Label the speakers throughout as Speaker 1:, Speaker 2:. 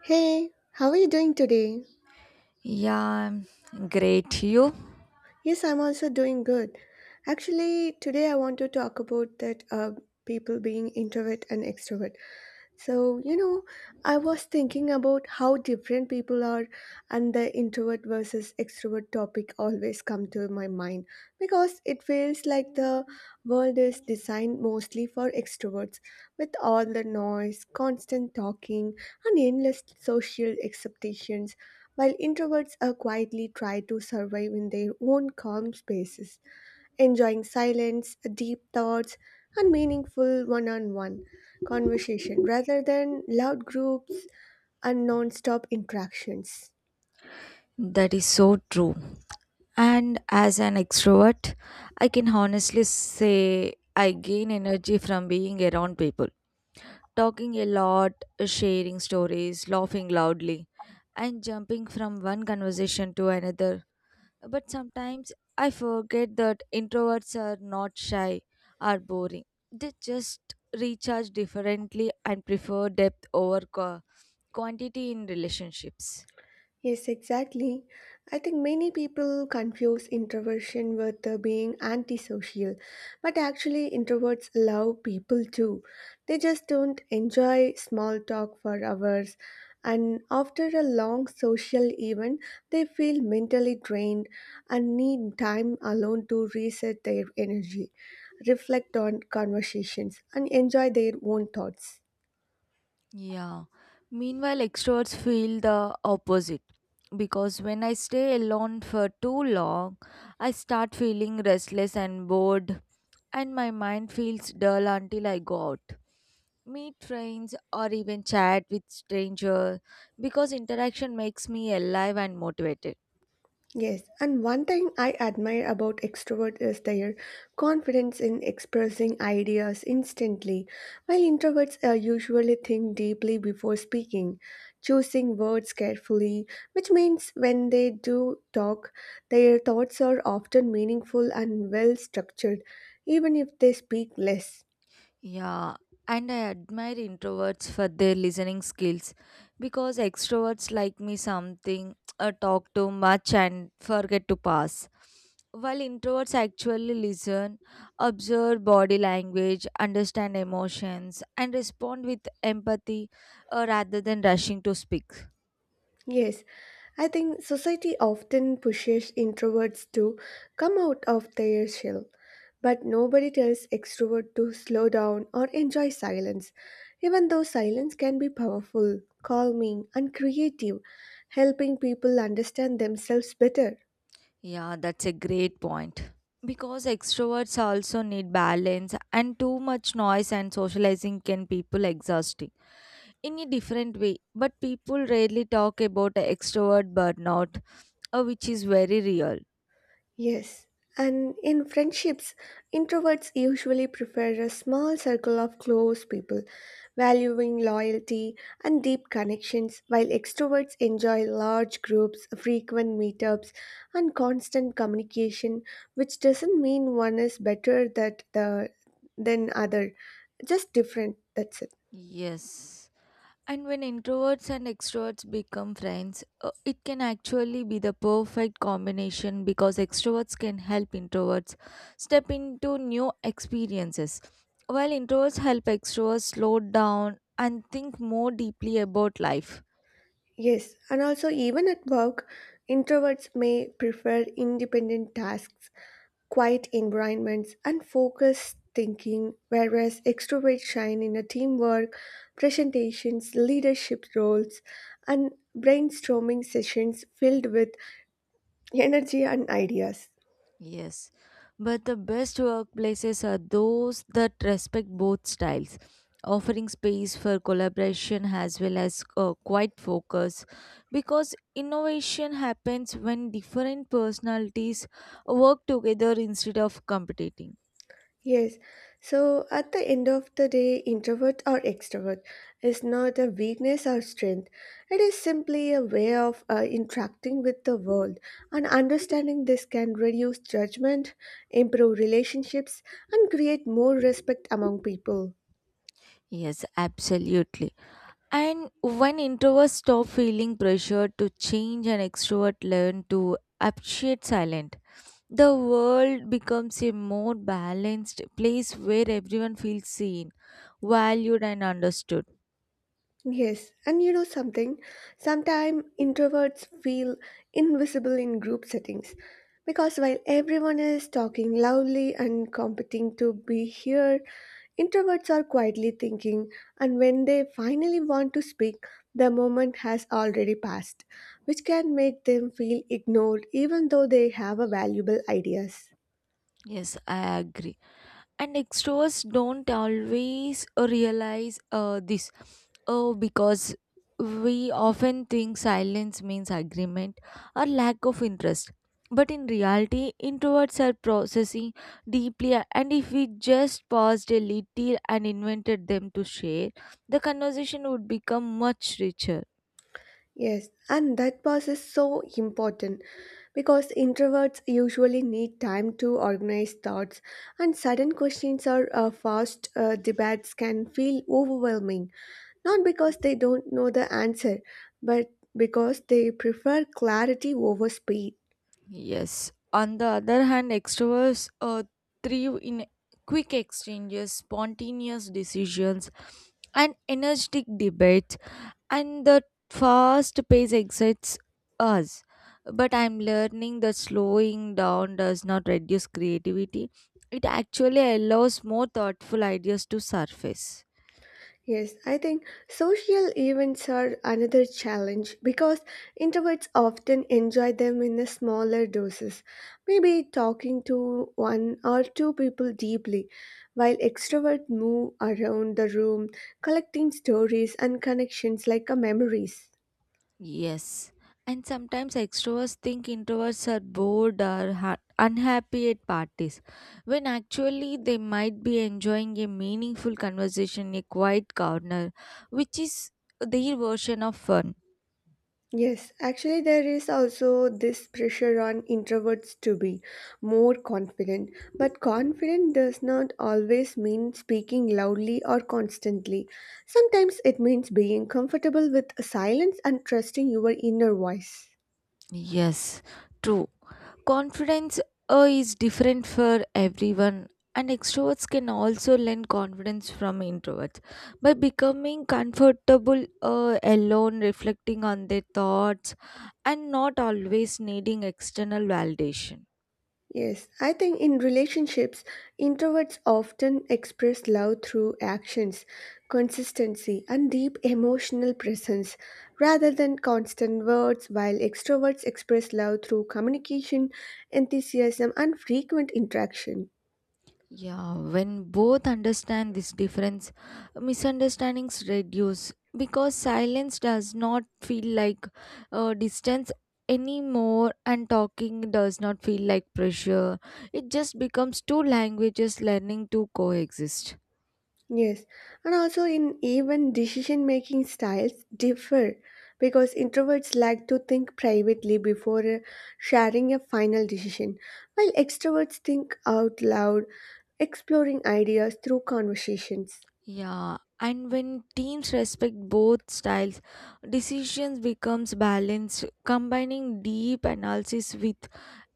Speaker 1: Hey, how are you doing today?
Speaker 2: Yeah, I'm great. You?
Speaker 1: Yes, I'm also doing good. Actually, today I want to talk about that people being introvert and extrovert. So, you know, I was thinking about how different people are and the introvert versus extrovert topic always come to my mind because it feels like the world is designed mostly for extroverts with all the noise, constant talking and endless social expectations while introverts are quietly try to survive in their own calm spaces, enjoying silence, deep thoughts, and meaningful one-on-one conversation rather than loud groups and non-stop interactions.
Speaker 2: That is so true. And as an extrovert, I can honestly say I gain energy from being around people, talking a lot, sharing stories, laughing loudly, and jumping from one conversation to another. But sometimes I forget that introverts are not shy or boring. They just recharge differently and prefer depth over quantity in relationships.
Speaker 1: Yes, exactly. I think many people confuse introversion with being antisocial, but actually, introverts love people too. They just don't enjoy small talk for hours, and after a long social event, they feel mentally drained and need time alone to reset their energy, reflect on conversations, and enjoy their own thoughts.
Speaker 2: Yeah. Meanwhile, extroverts feel the opposite because when I stay alone for too long, I start feeling restless and bored, and my mind feels dull until I go out. Meet friends or even chat with strangers because interaction makes me alive and motivated.
Speaker 1: Yes, and one thing I admire about extroverts is their confidence in expressing ideas instantly, while introverts usually think deeply before speaking, choosing words carefully, which means when they do talk, their thoughts are often meaningful and well structured, even if they speak less.
Speaker 2: Yeah, and I admire introverts for their listening skills because extroverts like me something talk too much and forget to pass. While introverts actually listen, observe body language, understand emotions, and respond with empathy rather than rushing to speak.
Speaker 1: Yes, I think society often pushes introverts to come out of their shell, but nobody tells extrovert to slow down or enjoy silence, even though silence can be powerful, calming, and creative, helping people understand themselves better.
Speaker 2: Yeah, that's a great point. Because extroverts also need balance, and too much noise and socializing can people exhausting. In a different way, but people rarely talk about extrovert burnout, which is very real.
Speaker 1: Yes, and in friendships, introverts usually prefer a small circle of close people, valuing loyalty and deep connections, while extroverts enjoy large groups, frequent meetups, and constant communication, which doesn't mean one is better that the than other, just different, that's it.
Speaker 2: Yes. And when introverts and extroverts become friends, it can actually be the perfect combination because extroverts can help introverts step into new experiences, while introverts help extroverts slow down and think more deeply about life.
Speaker 1: Yes, and also even at work, introverts may prefer independent tasks quiet environments, and focused thinking, whereas extroverts shine in a teamwork, presentations, leadership roles, and brainstorming sessions filled with energy and ideas.
Speaker 2: Yes, but the best workplaces are those that respect both styles, offering space for collaboration as well as quiet focus, because innovation happens when different personalities work together instead of competing.
Speaker 1: Yes. So at the end of the day, introvert or extrovert is not a weakness or strength. It is simply a way of interacting with the world. And understanding this can reduce judgment, improve relationships, and create more respect among people.
Speaker 2: Yes, absolutely. And when introverts stop feeling pressured to change and extrovert learn to appreciate silence, the world becomes a more balanced place where everyone feels seen, valued, and understood.
Speaker 1: Yes, and you know something? Sometimes introverts feel invisible in group settings because while everyone is talking loudly and competing to be heard, introverts are quietly thinking, and when they finally want to speak, the moment has already passed, which can make them feel ignored even though they have a valuable ideas.
Speaker 2: Yes, I agree. And extroverts don't always realize this. Oh, because we often think silence means agreement or lack of interest. But in reality, introverts are processing deeply, and if we just paused a little and invented them to share, the conversation would become much richer.
Speaker 1: Yes, and that pause is so important because introverts usually need time to organize thoughts, and sudden questions or fast debates can feel overwhelming, not because they don't know the answer, but because they prefer clarity over speed.
Speaker 2: Yes. On the other hand, extroverts thrive in quick exchanges, spontaneous decisions, and energetic debates, and the fast pace excites us. But I'm learning that slowing down does not reduce creativity, it actually allows more thoughtful ideas to surface.
Speaker 1: Yes, I think social events are another challenge because introverts often enjoy them in a smaller doses, maybe talking to one or two people deeply, while extroverts move around the room, collecting stories and connections like a memories.
Speaker 2: Yes, and sometimes extroverts think introverts are bored or unhappy at parties, when actually they might be enjoying a meaningful conversation in a quiet corner, which is their version of fun.
Speaker 1: Yes, actually, there is also this pressure on introverts to be more confident, but confident does not always mean speaking loudly or constantly. Sometimes it means being comfortable with silence and trusting your inner voice.
Speaker 2: Yes, true. Confidence is different for everyone, and extroverts can also learn confidence from introverts by becoming comfortable, alone, reflecting on their thoughts and not always needing external validation.
Speaker 1: Yes, I think in relationships, introverts often express love through actions, consistency, and deep emotional presence rather than constant words, while extroverts express love through communication, enthusiasm, and frequent interaction.
Speaker 2: Yeah, when both understand this difference, misunderstandings reduce because silence does not feel like distance anymore, and talking does not feel like pressure. It just becomes two languages learning to coexist.
Speaker 1: Yes, and also in even decision making styles differ because introverts like to think privately before sharing a final decision, while extroverts think out loud, exploring ideas through conversations.
Speaker 2: Yeah, and when teams respect both styles, decisions becomes balanced, combining deep analysis with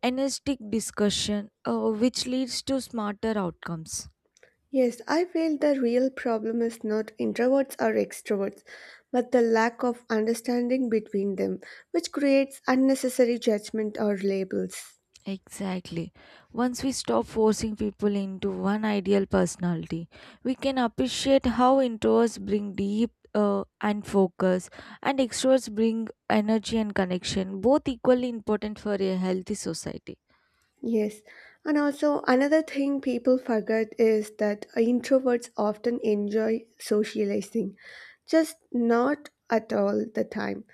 Speaker 2: energetic discussion, which leads to smarter outcomes.
Speaker 1: Yes, I feel the real problem is not introverts or extroverts, but the lack of understanding between them, which creates unnecessary judgment or labels.
Speaker 2: Exactly. Once we stop forcing people into one ideal personality, we can appreciate how introverts bring deep and focus, and extroverts bring energy and connection, both equally important for a healthy society.
Speaker 1: Yes, and also another thing people forget is that introverts often enjoy socializing, just not at all the time.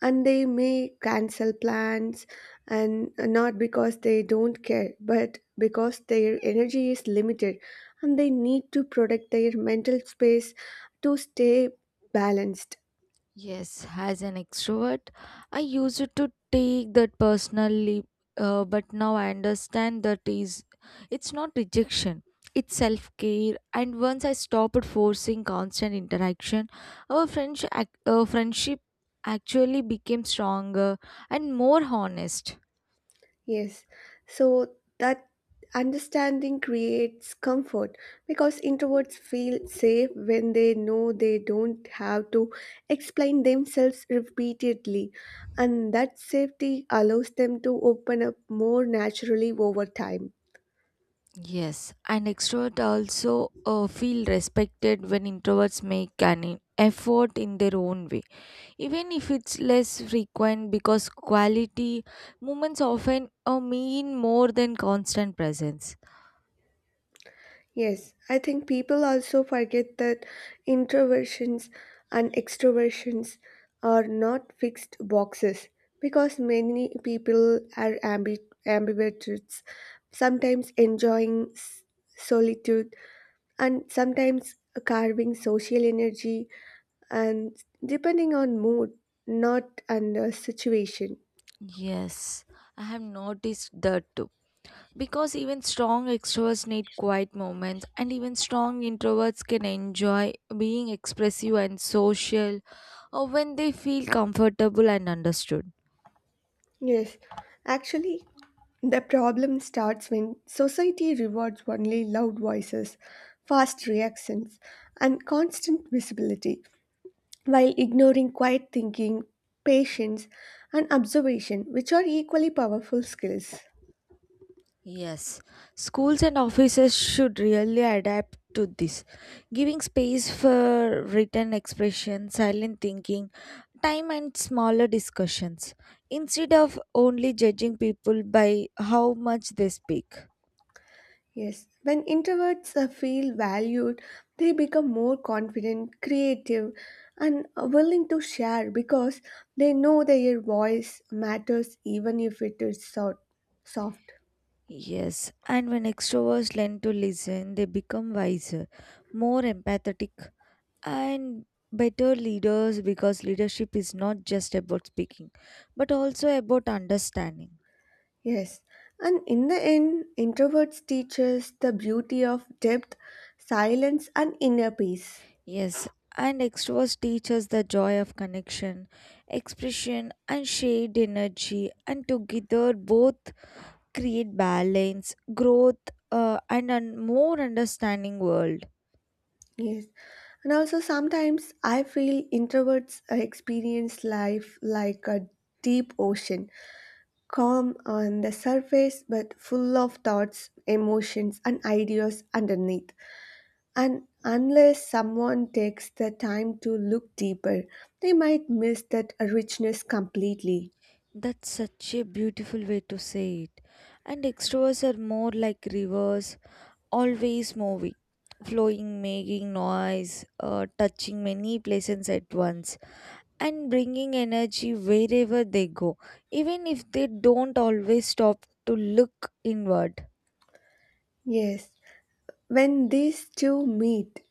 Speaker 1: And they may cancel plans, and not because they don't care, but because their energy is limited and they need to protect their mental space to stay balanced.
Speaker 2: Yes, as an extrovert, I used to take that personally, but now I understand that is it's not rejection, it's self-care. And once I stopped forcing constant interaction, our friendship actually became stronger and more honest.
Speaker 1: Yes, so that understanding creates comfort because introverts feel safe when they know they don't have to explain themselves repeatedly, and that safety allows them to open up more naturally over time.
Speaker 2: Yes, and extrovert also feel respected when introverts make an effort in their own way, even if it's less frequent because quality moments often mean more than constant presence.
Speaker 1: Yes, I think people also forget that introversions and extroversions are not fixed boxes because many people are ambiverts, sometimes enjoying solitude and sometimes carving social energy and depending on mood, not and situation.
Speaker 2: Yes, I have noticed that too. Because even strong extroverts need quiet moments, and even strong introverts can enjoy being expressive and social or when they feel comfortable and understood.
Speaker 1: Yes, actually, the problem starts when society rewards only loud voices, fast reactions, and constant visibility, while ignoring quiet thinking, patience, and observation, which are equally powerful skills.
Speaker 2: Yes, schools and offices should really adapt to this, giving space for written expression, silent thinking, time, and smaller discussions instead of only judging people by how much they speak.
Speaker 1: Yes, when introverts feel valued, they become more confident, creative, and willing to share because they know their voice matters even if it is soft.
Speaker 2: Yes, and when extroverts learn to listen, they become wiser, more empathetic, and better leaders because leadership is not just about speaking, but also about understanding.
Speaker 1: Yes, and in the end, introverts teach us the beauty of depth, silence, and inner peace.
Speaker 2: Yes, and extroverts teach us the joy of connection, expression, and shared energy, and together both create balance, growth, and a more understanding world.
Speaker 1: Yes, and also sometimes I feel introverts experience life like a deep ocean, calm on the surface but full of thoughts, emotions, and ideas underneath. And unless someone takes the time to look deeper, they might miss that richness completely.
Speaker 2: That's such a beautiful way to say it. And extroverts are more like rivers, always moving, flowing, making noise, touching many places at once, and bringing energy wherever they go, even if they don't always stop to look inward.
Speaker 1: Yes. When these two meet,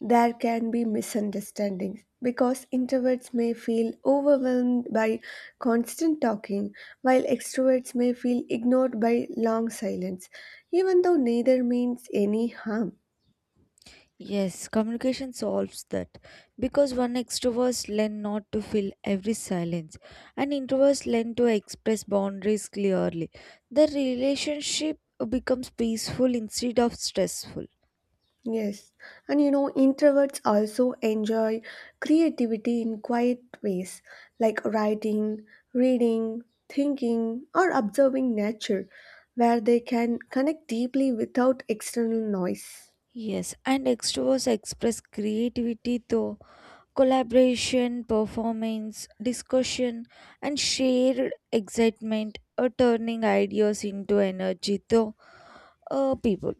Speaker 1: there can be misunderstandings because introverts may feel overwhelmed by constant talking, while extroverts may feel ignored by long silence, even though neither means any harm.
Speaker 2: Yes, communication solves that because one extroverts learn not to fill every silence, and introverts learn to express boundaries clearly. The relationship becomes peaceful instead of stressful.
Speaker 1: Yes, and you know, introverts also enjoy creativity in quiet ways like writing, reading, thinking, or observing nature, where they can connect deeply without external noise.
Speaker 2: Yes, and extroverts express creativity through collaboration, performance, discussion, and shared excitement, or turning ideas into energy through people.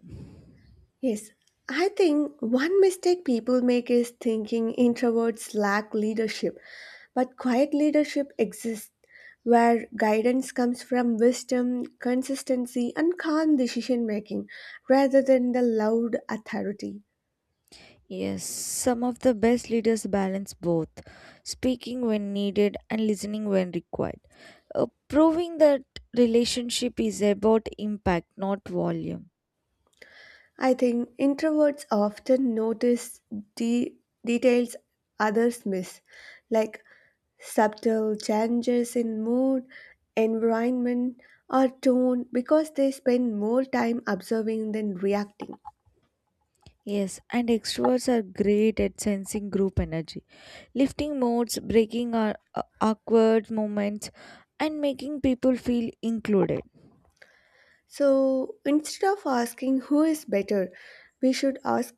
Speaker 1: Yes, I think one mistake people make is thinking introverts lack leadership, but quiet leadership exists where guidance comes from wisdom, consistency, and calm decision making rather than the loud authority.
Speaker 2: Yes, some of the best leaders balance both speaking when needed and listening when required, proving that relationship is about impact, not volume.
Speaker 1: I think introverts often notice de- details others miss, like subtle changes in mood, environment, or tone because they spend more time observing than reacting.
Speaker 2: Yes, and extroverts are great at sensing group energy, lifting moods, breaking our, awkward moments, and making people feel included.
Speaker 1: So instead of asking who is better, we should ask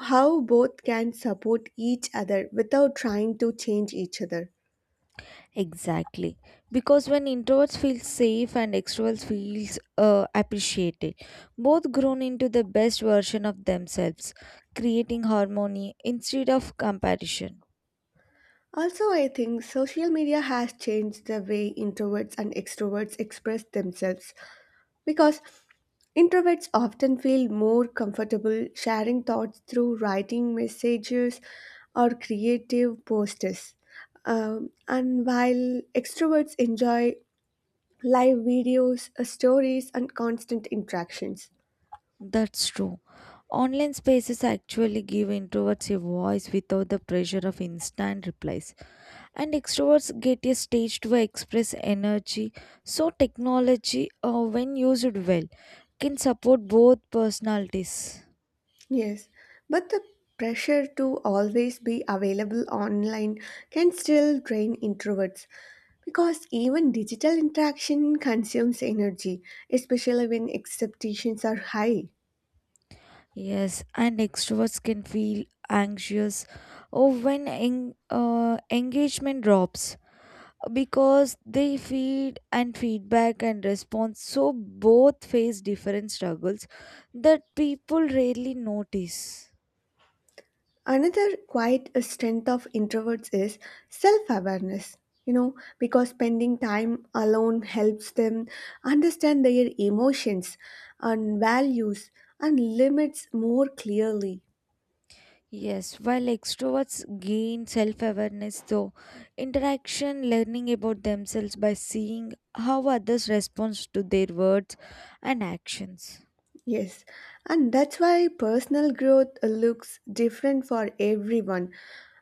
Speaker 1: how both can support each other without trying to change each other.
Speaker 2: Exactly. Because when introverts feel safe and extroverts feels appreciated, both grown into the best version of themselves, creating harmony instead of comparison.
Speaker 1: Also, I think social media has changed the way introverts and extroverts express themselves because introverts often feel more comfortable sharing thoughts through writing messages or creative posters. And while extroverts enjoy live videos, stories, and constant interactions.
Speaker 2: That's true. Online spaces actually give introverts a voice without the pressure of instant replies, and extroverts get a stage to express energy. So, technology, when used well, can support both personalities.
Speaker 1: Yes, but the pressure to always be available online can still drain introverts because even digital interaction consumes energy, especially when expectations are high.
Speaker 2: Yes, and extroverts can feel anxious or when engagement drops because they feed and feedback and response, so both face different struggles that people rarely notice.
Speaker 1: Another quite a strength of introverts is self awareness. You know, because spending time alone helps them understand their emotions and values and limits more clearly.
Speaker 2: Yes, while extroverts gain self awareness through interaction, learning about themselves by seeing how others respond to their words and actions.
Speaker 1: Yes, and that's why personal growth looks different for everyone,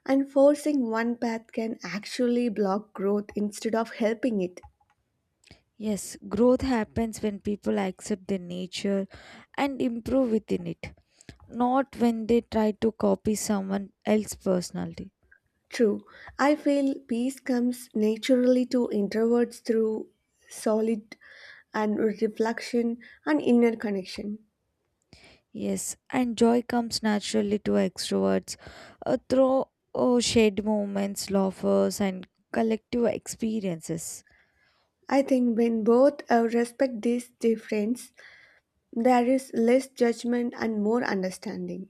Speaker 1: and forcing one path can actually block growth instead of helping it.
Speaker 2: Yes, growth happens when people accept their nature and improve within it, not when they try to copy someone else's personality.
Speaker 1: True. I feel peace comes naturally to introverts through solid and reflection and inner connection.
Speaker 2: Yes, and joy comes naturally to extroverts through oh, shared moments, laughs, and collective experiences.
Speaker 1: I think when both respect these difference, there is less judgment and more understanding.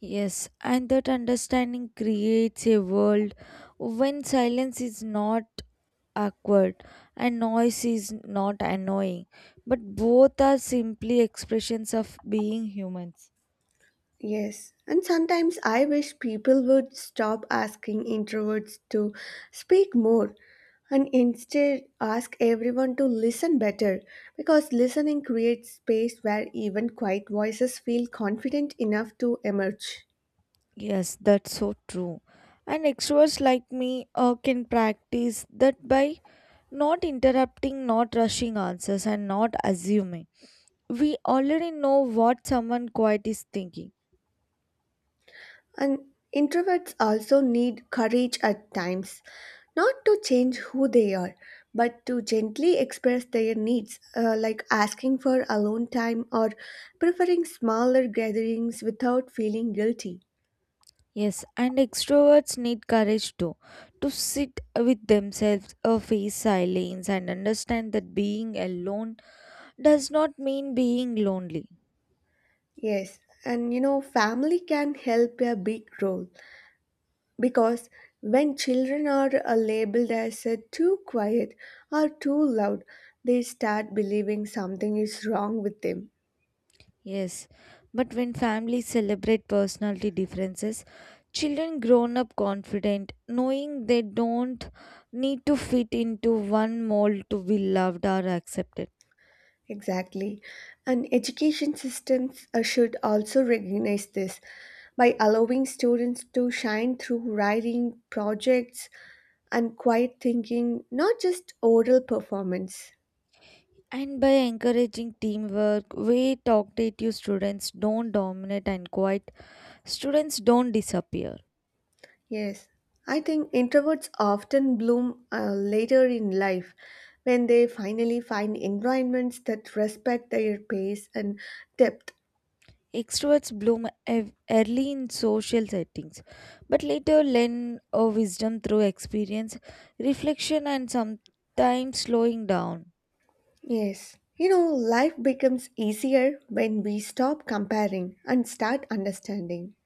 Speaker 2: Yes, and that understanding creates a world when silence is not awkward and noise is not annoying, but both are simply expressions of being humans.
Speaker 1: Yes, and sometimes I wish people would stop asking introverts to speak more and instead ask everyone to listen better because listening creates space where even quiet voices feel confident enough to emerge.
Speaker 2: Yes, that's so true, and extroverts like me can practice that by not interrupting, not rushing answers, and not assuming we already know what someone quiet is thinking.
Speaker 1: And introverts also need courage at times, not to change who they are, but to gently express their needs, like asking for alone time or preferring smaller gatherings without feeling guilty.
Speaker 2: Yes, and extroverts need courage too to sit with themselves, face silence, and understand that being alone does not mean being lonely.
Speaker 1: Yes, and you know, family can help a big role because when children are labeled as too quiet or too loud, they start believing something is wrong with them.
Speaker 2: Yes, but when families celebrate personality differences, children grown up confident, knowing they don't need to fit into one mold to be loved or accepted.
Speaker 1: Exactly. And education systems should also recognize this by allowing students to shine through writing, projects, and quiet thinking, not just oral performance.
Speaker 2: And by encouraging teamwork, we talkative students don't dominate and quiet students don't disappear.
Speaker 1: Yes, I think introverts often bloom later in life when they finally find environments that respect their pace and depth.
Speaker 2: Extroverts bloom early in social settings, but later learn wisdom through experience, reflection, and sometimes slowing down.
Speaker 1: Yes. You know, life becomes easier when we stop comparing and start understanding.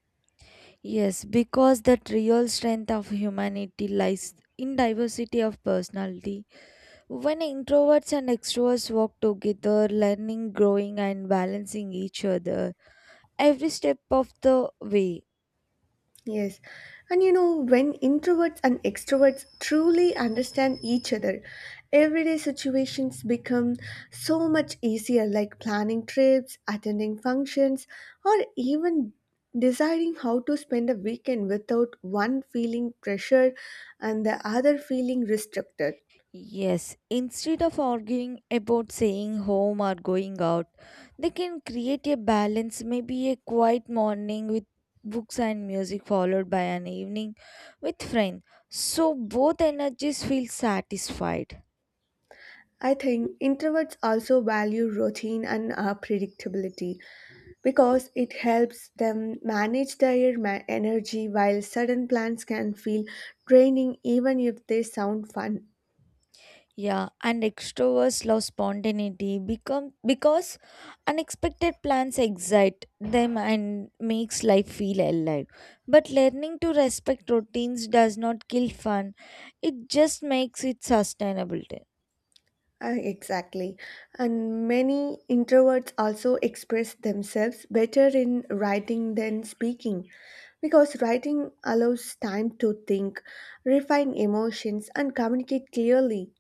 Speaker 2: Yes, because that real strength of humanity lies in diversity of personality. When introverts and extroverts work together, learning, growing, and balancing each other every step of the way.
Speaker 1: Yes. And you know, when introverts and extroverts truly understand each other, everyday situations become so much easier, like planning trips, attending functions, or even deciding how to spend a weekend without one feeling pressured and the other feeling restricted.
Speaker 2: Yes, instead of arguing about saying home or going out, they can create a balance, maybe a quiet morning with books and music, followed by an evening with friends. So both energies feel satisfied.
Speaker 1: I think introverts also value routine and predictability because it helps them manage their energy while sudden plans can feel draining even if they sound fun.
Speaker 2: Yeah, and extroverts love spontaneity become because unexpected plans excite them and makes life feel alive. But learning to respect routines does not kill fun. It just makes it sustainable too.
Speaker 1: Exactly. And many introverts also express themselves better in writing than speaking because writing allows time to think, refine emotions, and communicate clearly.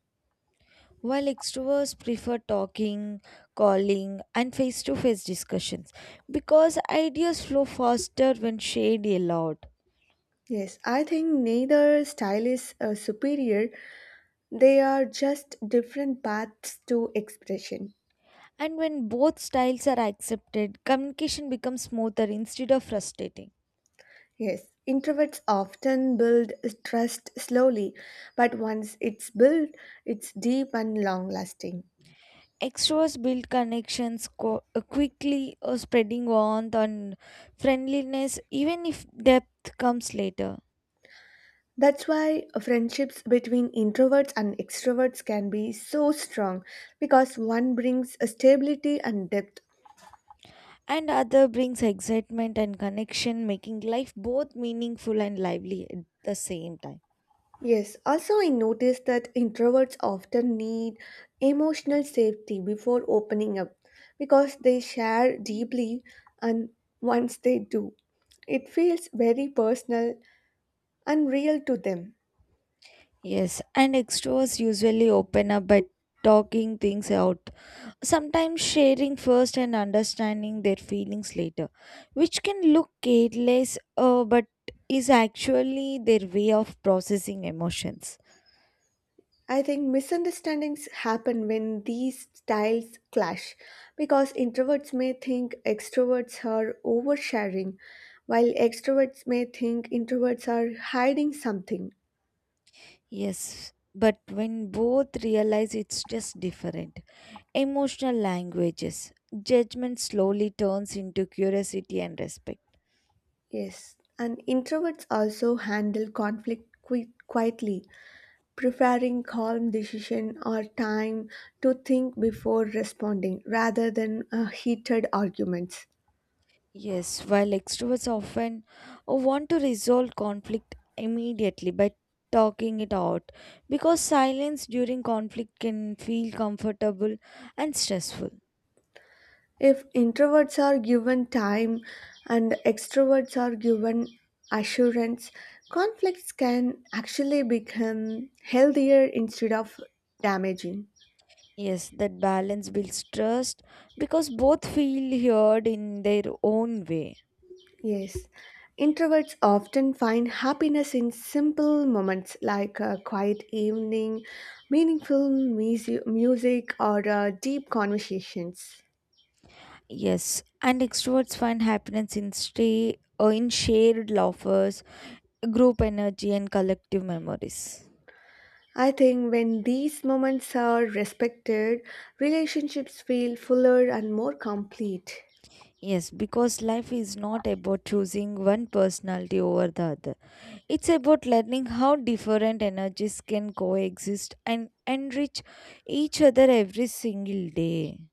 Speaker 2: While extroverts prefer talking, calling, and face to face discussions because ideas flow faster when shared aloud.
Speaker 1: Yes, I think neither style is superior. They are just different paths to expression.
Speaker 2: And when both styles are accepted, communication becomes smoother instead of frustrating.
Speaker 1: Yes, introverts often build trust slowly, but once it's built, it's deep and long lasting.
Speaker 2: Extroverts build connections quickly, spreading warmth and friendliness, even if depth comes later.
Speaker 1: That's why friendships between introverts and extroverts can be so strong because one brings a stability and depth.
Speaker 2: And other brings excitement and connection, making life both meaningful and lively at the same time.
Speaker 1: Yes, also I noticed that introverts often need emotional safety before opening up because they share deeply, and once they do, it feels very personal and real to them.
Speaker 2: Yes, and extras usually open up by talking things out, sometimes sharing first and understanding their feelings later, which can look careless, but is actually their way of processing emotions.
Speaker 1: I think misunderstandings happen when these styles clash because introverts may think extroverts are oversharing, while extroverts may think introverts are hiding something.
Speaker 2: Yes, but when both realize it's just different, emotional languages, judgment slowly turns into curiosity and respect.
Speaker 1: Yes, and introverts also handle conflict quietly, preferring calm decision or time to think before responding rather than heated arguments.
Speaker 2: Yes, while extroverts often want to resolve conflict immediately by talking it out, because silence during conflict can feel comfortable and stressful.
Speaker 1: If introverts are given time and extroverts are given assurance, conflicts can actually become healthier instead of damaging.
Speaker 2: Yes, that balance builds trust because both feel heard in their own way.
Speaker 1: Yes, introverts often find happiness in simple moments like a quiet evening, meaningful music, or deep conversations.
Speaker 2: Yes, and extroverts find happiness in stay or in shared laughers, group energy, and collective memories.
Speaker 1: I think when these moments are respected, relationships feel fuller and more complete.
Speaker 2: Yes, because life is not about choosing one personality over the other. It's about learning how different energies can coexist and enrich each other every single day.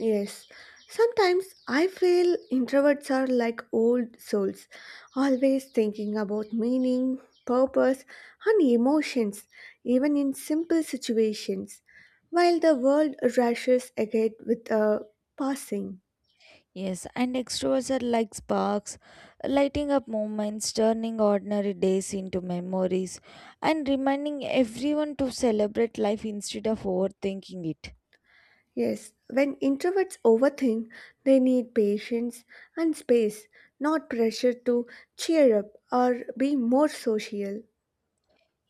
Speaker 1: Yes, sometimes I feel introverts are like old souls, always thinking about meaning, purpose, and emotions, even in simple situations, while the world rushes ahead with a passing.
Speaker 2: Yes, and extroverts are like sparks, lighting up moments, turning ordinary days into memories, and reminding everyone to celebrate life instead of overthinking it.
Speaker 1: Yes, when introverts overthink, they need patience and space, not pressure to cheer up or be more social.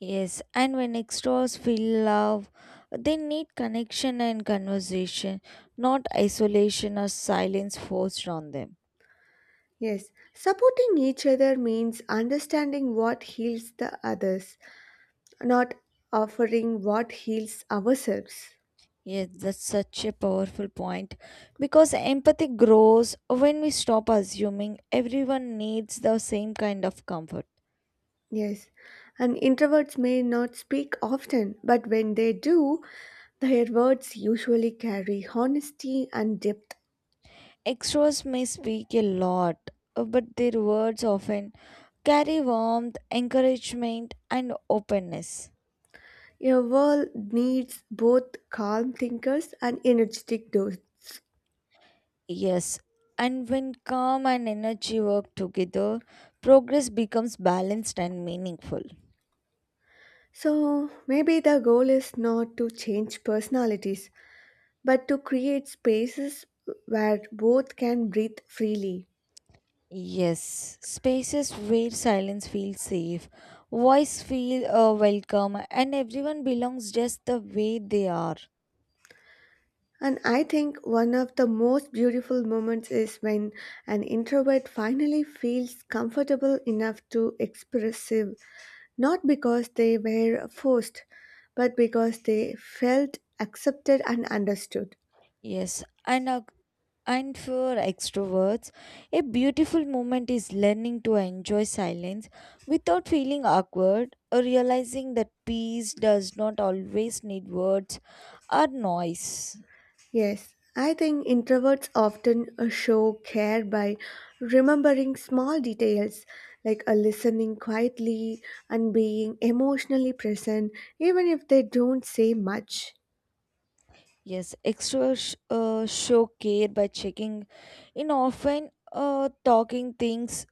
Speaker 2: Yes, and when extras feel love, they need connection and conversation, not isolation or silence forced on them.
Speaker 1: Yes, supporting each other means understanding what heals the others, not offering what heals ourselves.
Speaker 2: Yes, that's such a powerful point because empathy grows when we stop assuming everyone needs the same kind of comfort.
Speaker 1: Yes, and introverts may not speak often, but when they do, their words usually carry honesty and depth.
Speaker 2: Extras may speak a lot, but their words often carry warmth, encouragement, and openness.
Speaker 1: Your world needs both calm thinkers and energetic doers.
Speaker 2: Yes, and when calm and energy work together, progress becomes balanced and meaningful.
Speaker 1: So maybe the goal is not to change personalities, but to create spaces where both can breathe freely.
Speaker 2: Yes, spaces where silence feels safe, voice feel welcome, and everyone belongs just the way they are.
Speaker 1: And I think one of the most beautiful moments is when an introvert finally feels comfortable enough to expressive, not because they were forced, but because they felt accepted and understood.
Speaker 2: Yes, and for extroverts, a beautiful moment is learning to enjoy silence without feeling awkward or realizing that peace does not always need words or noise.
Speaker 1: Yes, I think introverts often show care by remembering small details like listening quietly and being emotionally present, even if they don't say much.
Speaker 2: Yes, show care by checking in often, talking things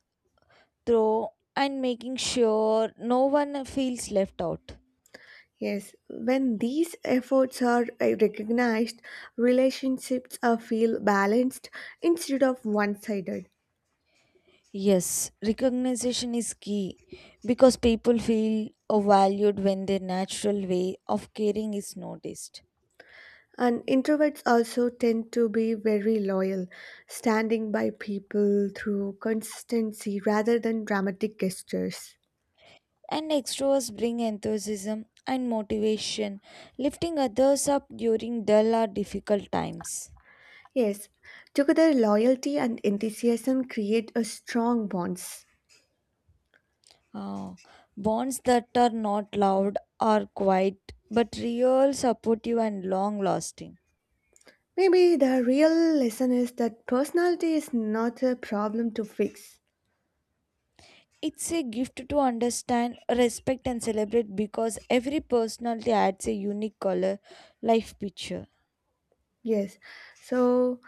Speaker 2: through, and making sure no one feels left out.
Speaker 1: Yes, when these efforts are recognized, relationships are feel balanced instead of one sided.
Speaker 2: Yes, recognition is key because people feel valued when their natural way of caring is noticed.
Speaker 1: And introverts also tend to be very loyal, standing by people through consistency rather than dramatic gestures.
Speaker 2: And extroverts bring enthusiasm and motivation, lifting others up during dull or difficult times.
Speaker 1: Yes, together loyalty and enthusiasm create a strong bonds.
Speaker 2: Oh, bonds that are not loud are quiet, but real, supportive, and long lasting.
Speaker 1: Maybe the real lesson is that personality is not a problem to fix.
Speaker 2: It's a gift to understand, respect, and celebrate because every personality adds a unique color, life picture.
Speaker 1: Yes, so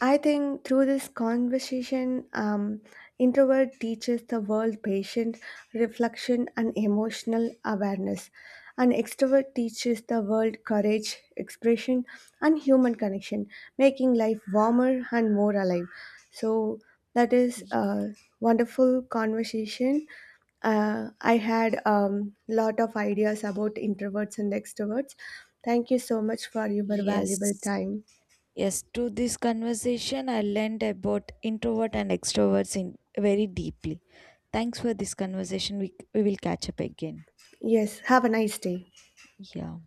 Speaker 1: I think through this conversation, introvert teaches the world patience, reflection, and emotional awareness. And extrovert teaches the world courage, expression, and human connection, making life warmer and more alive. So that is
Speaker 2: Y-
Speaker 1: a wonderful conversation. I had a lot of ideas about introverts and extroverts. Thank you so much for your valuable
Speaker 2: yes.
Speaker 1: time.
Speaker 2: Yes, to this conversation, I learned about introvert and extroverts in very deeply. Thanks for this conversation. We will catch up again.
Speaker 1: Yes, have a nice day.
Speaker 2: Yeah.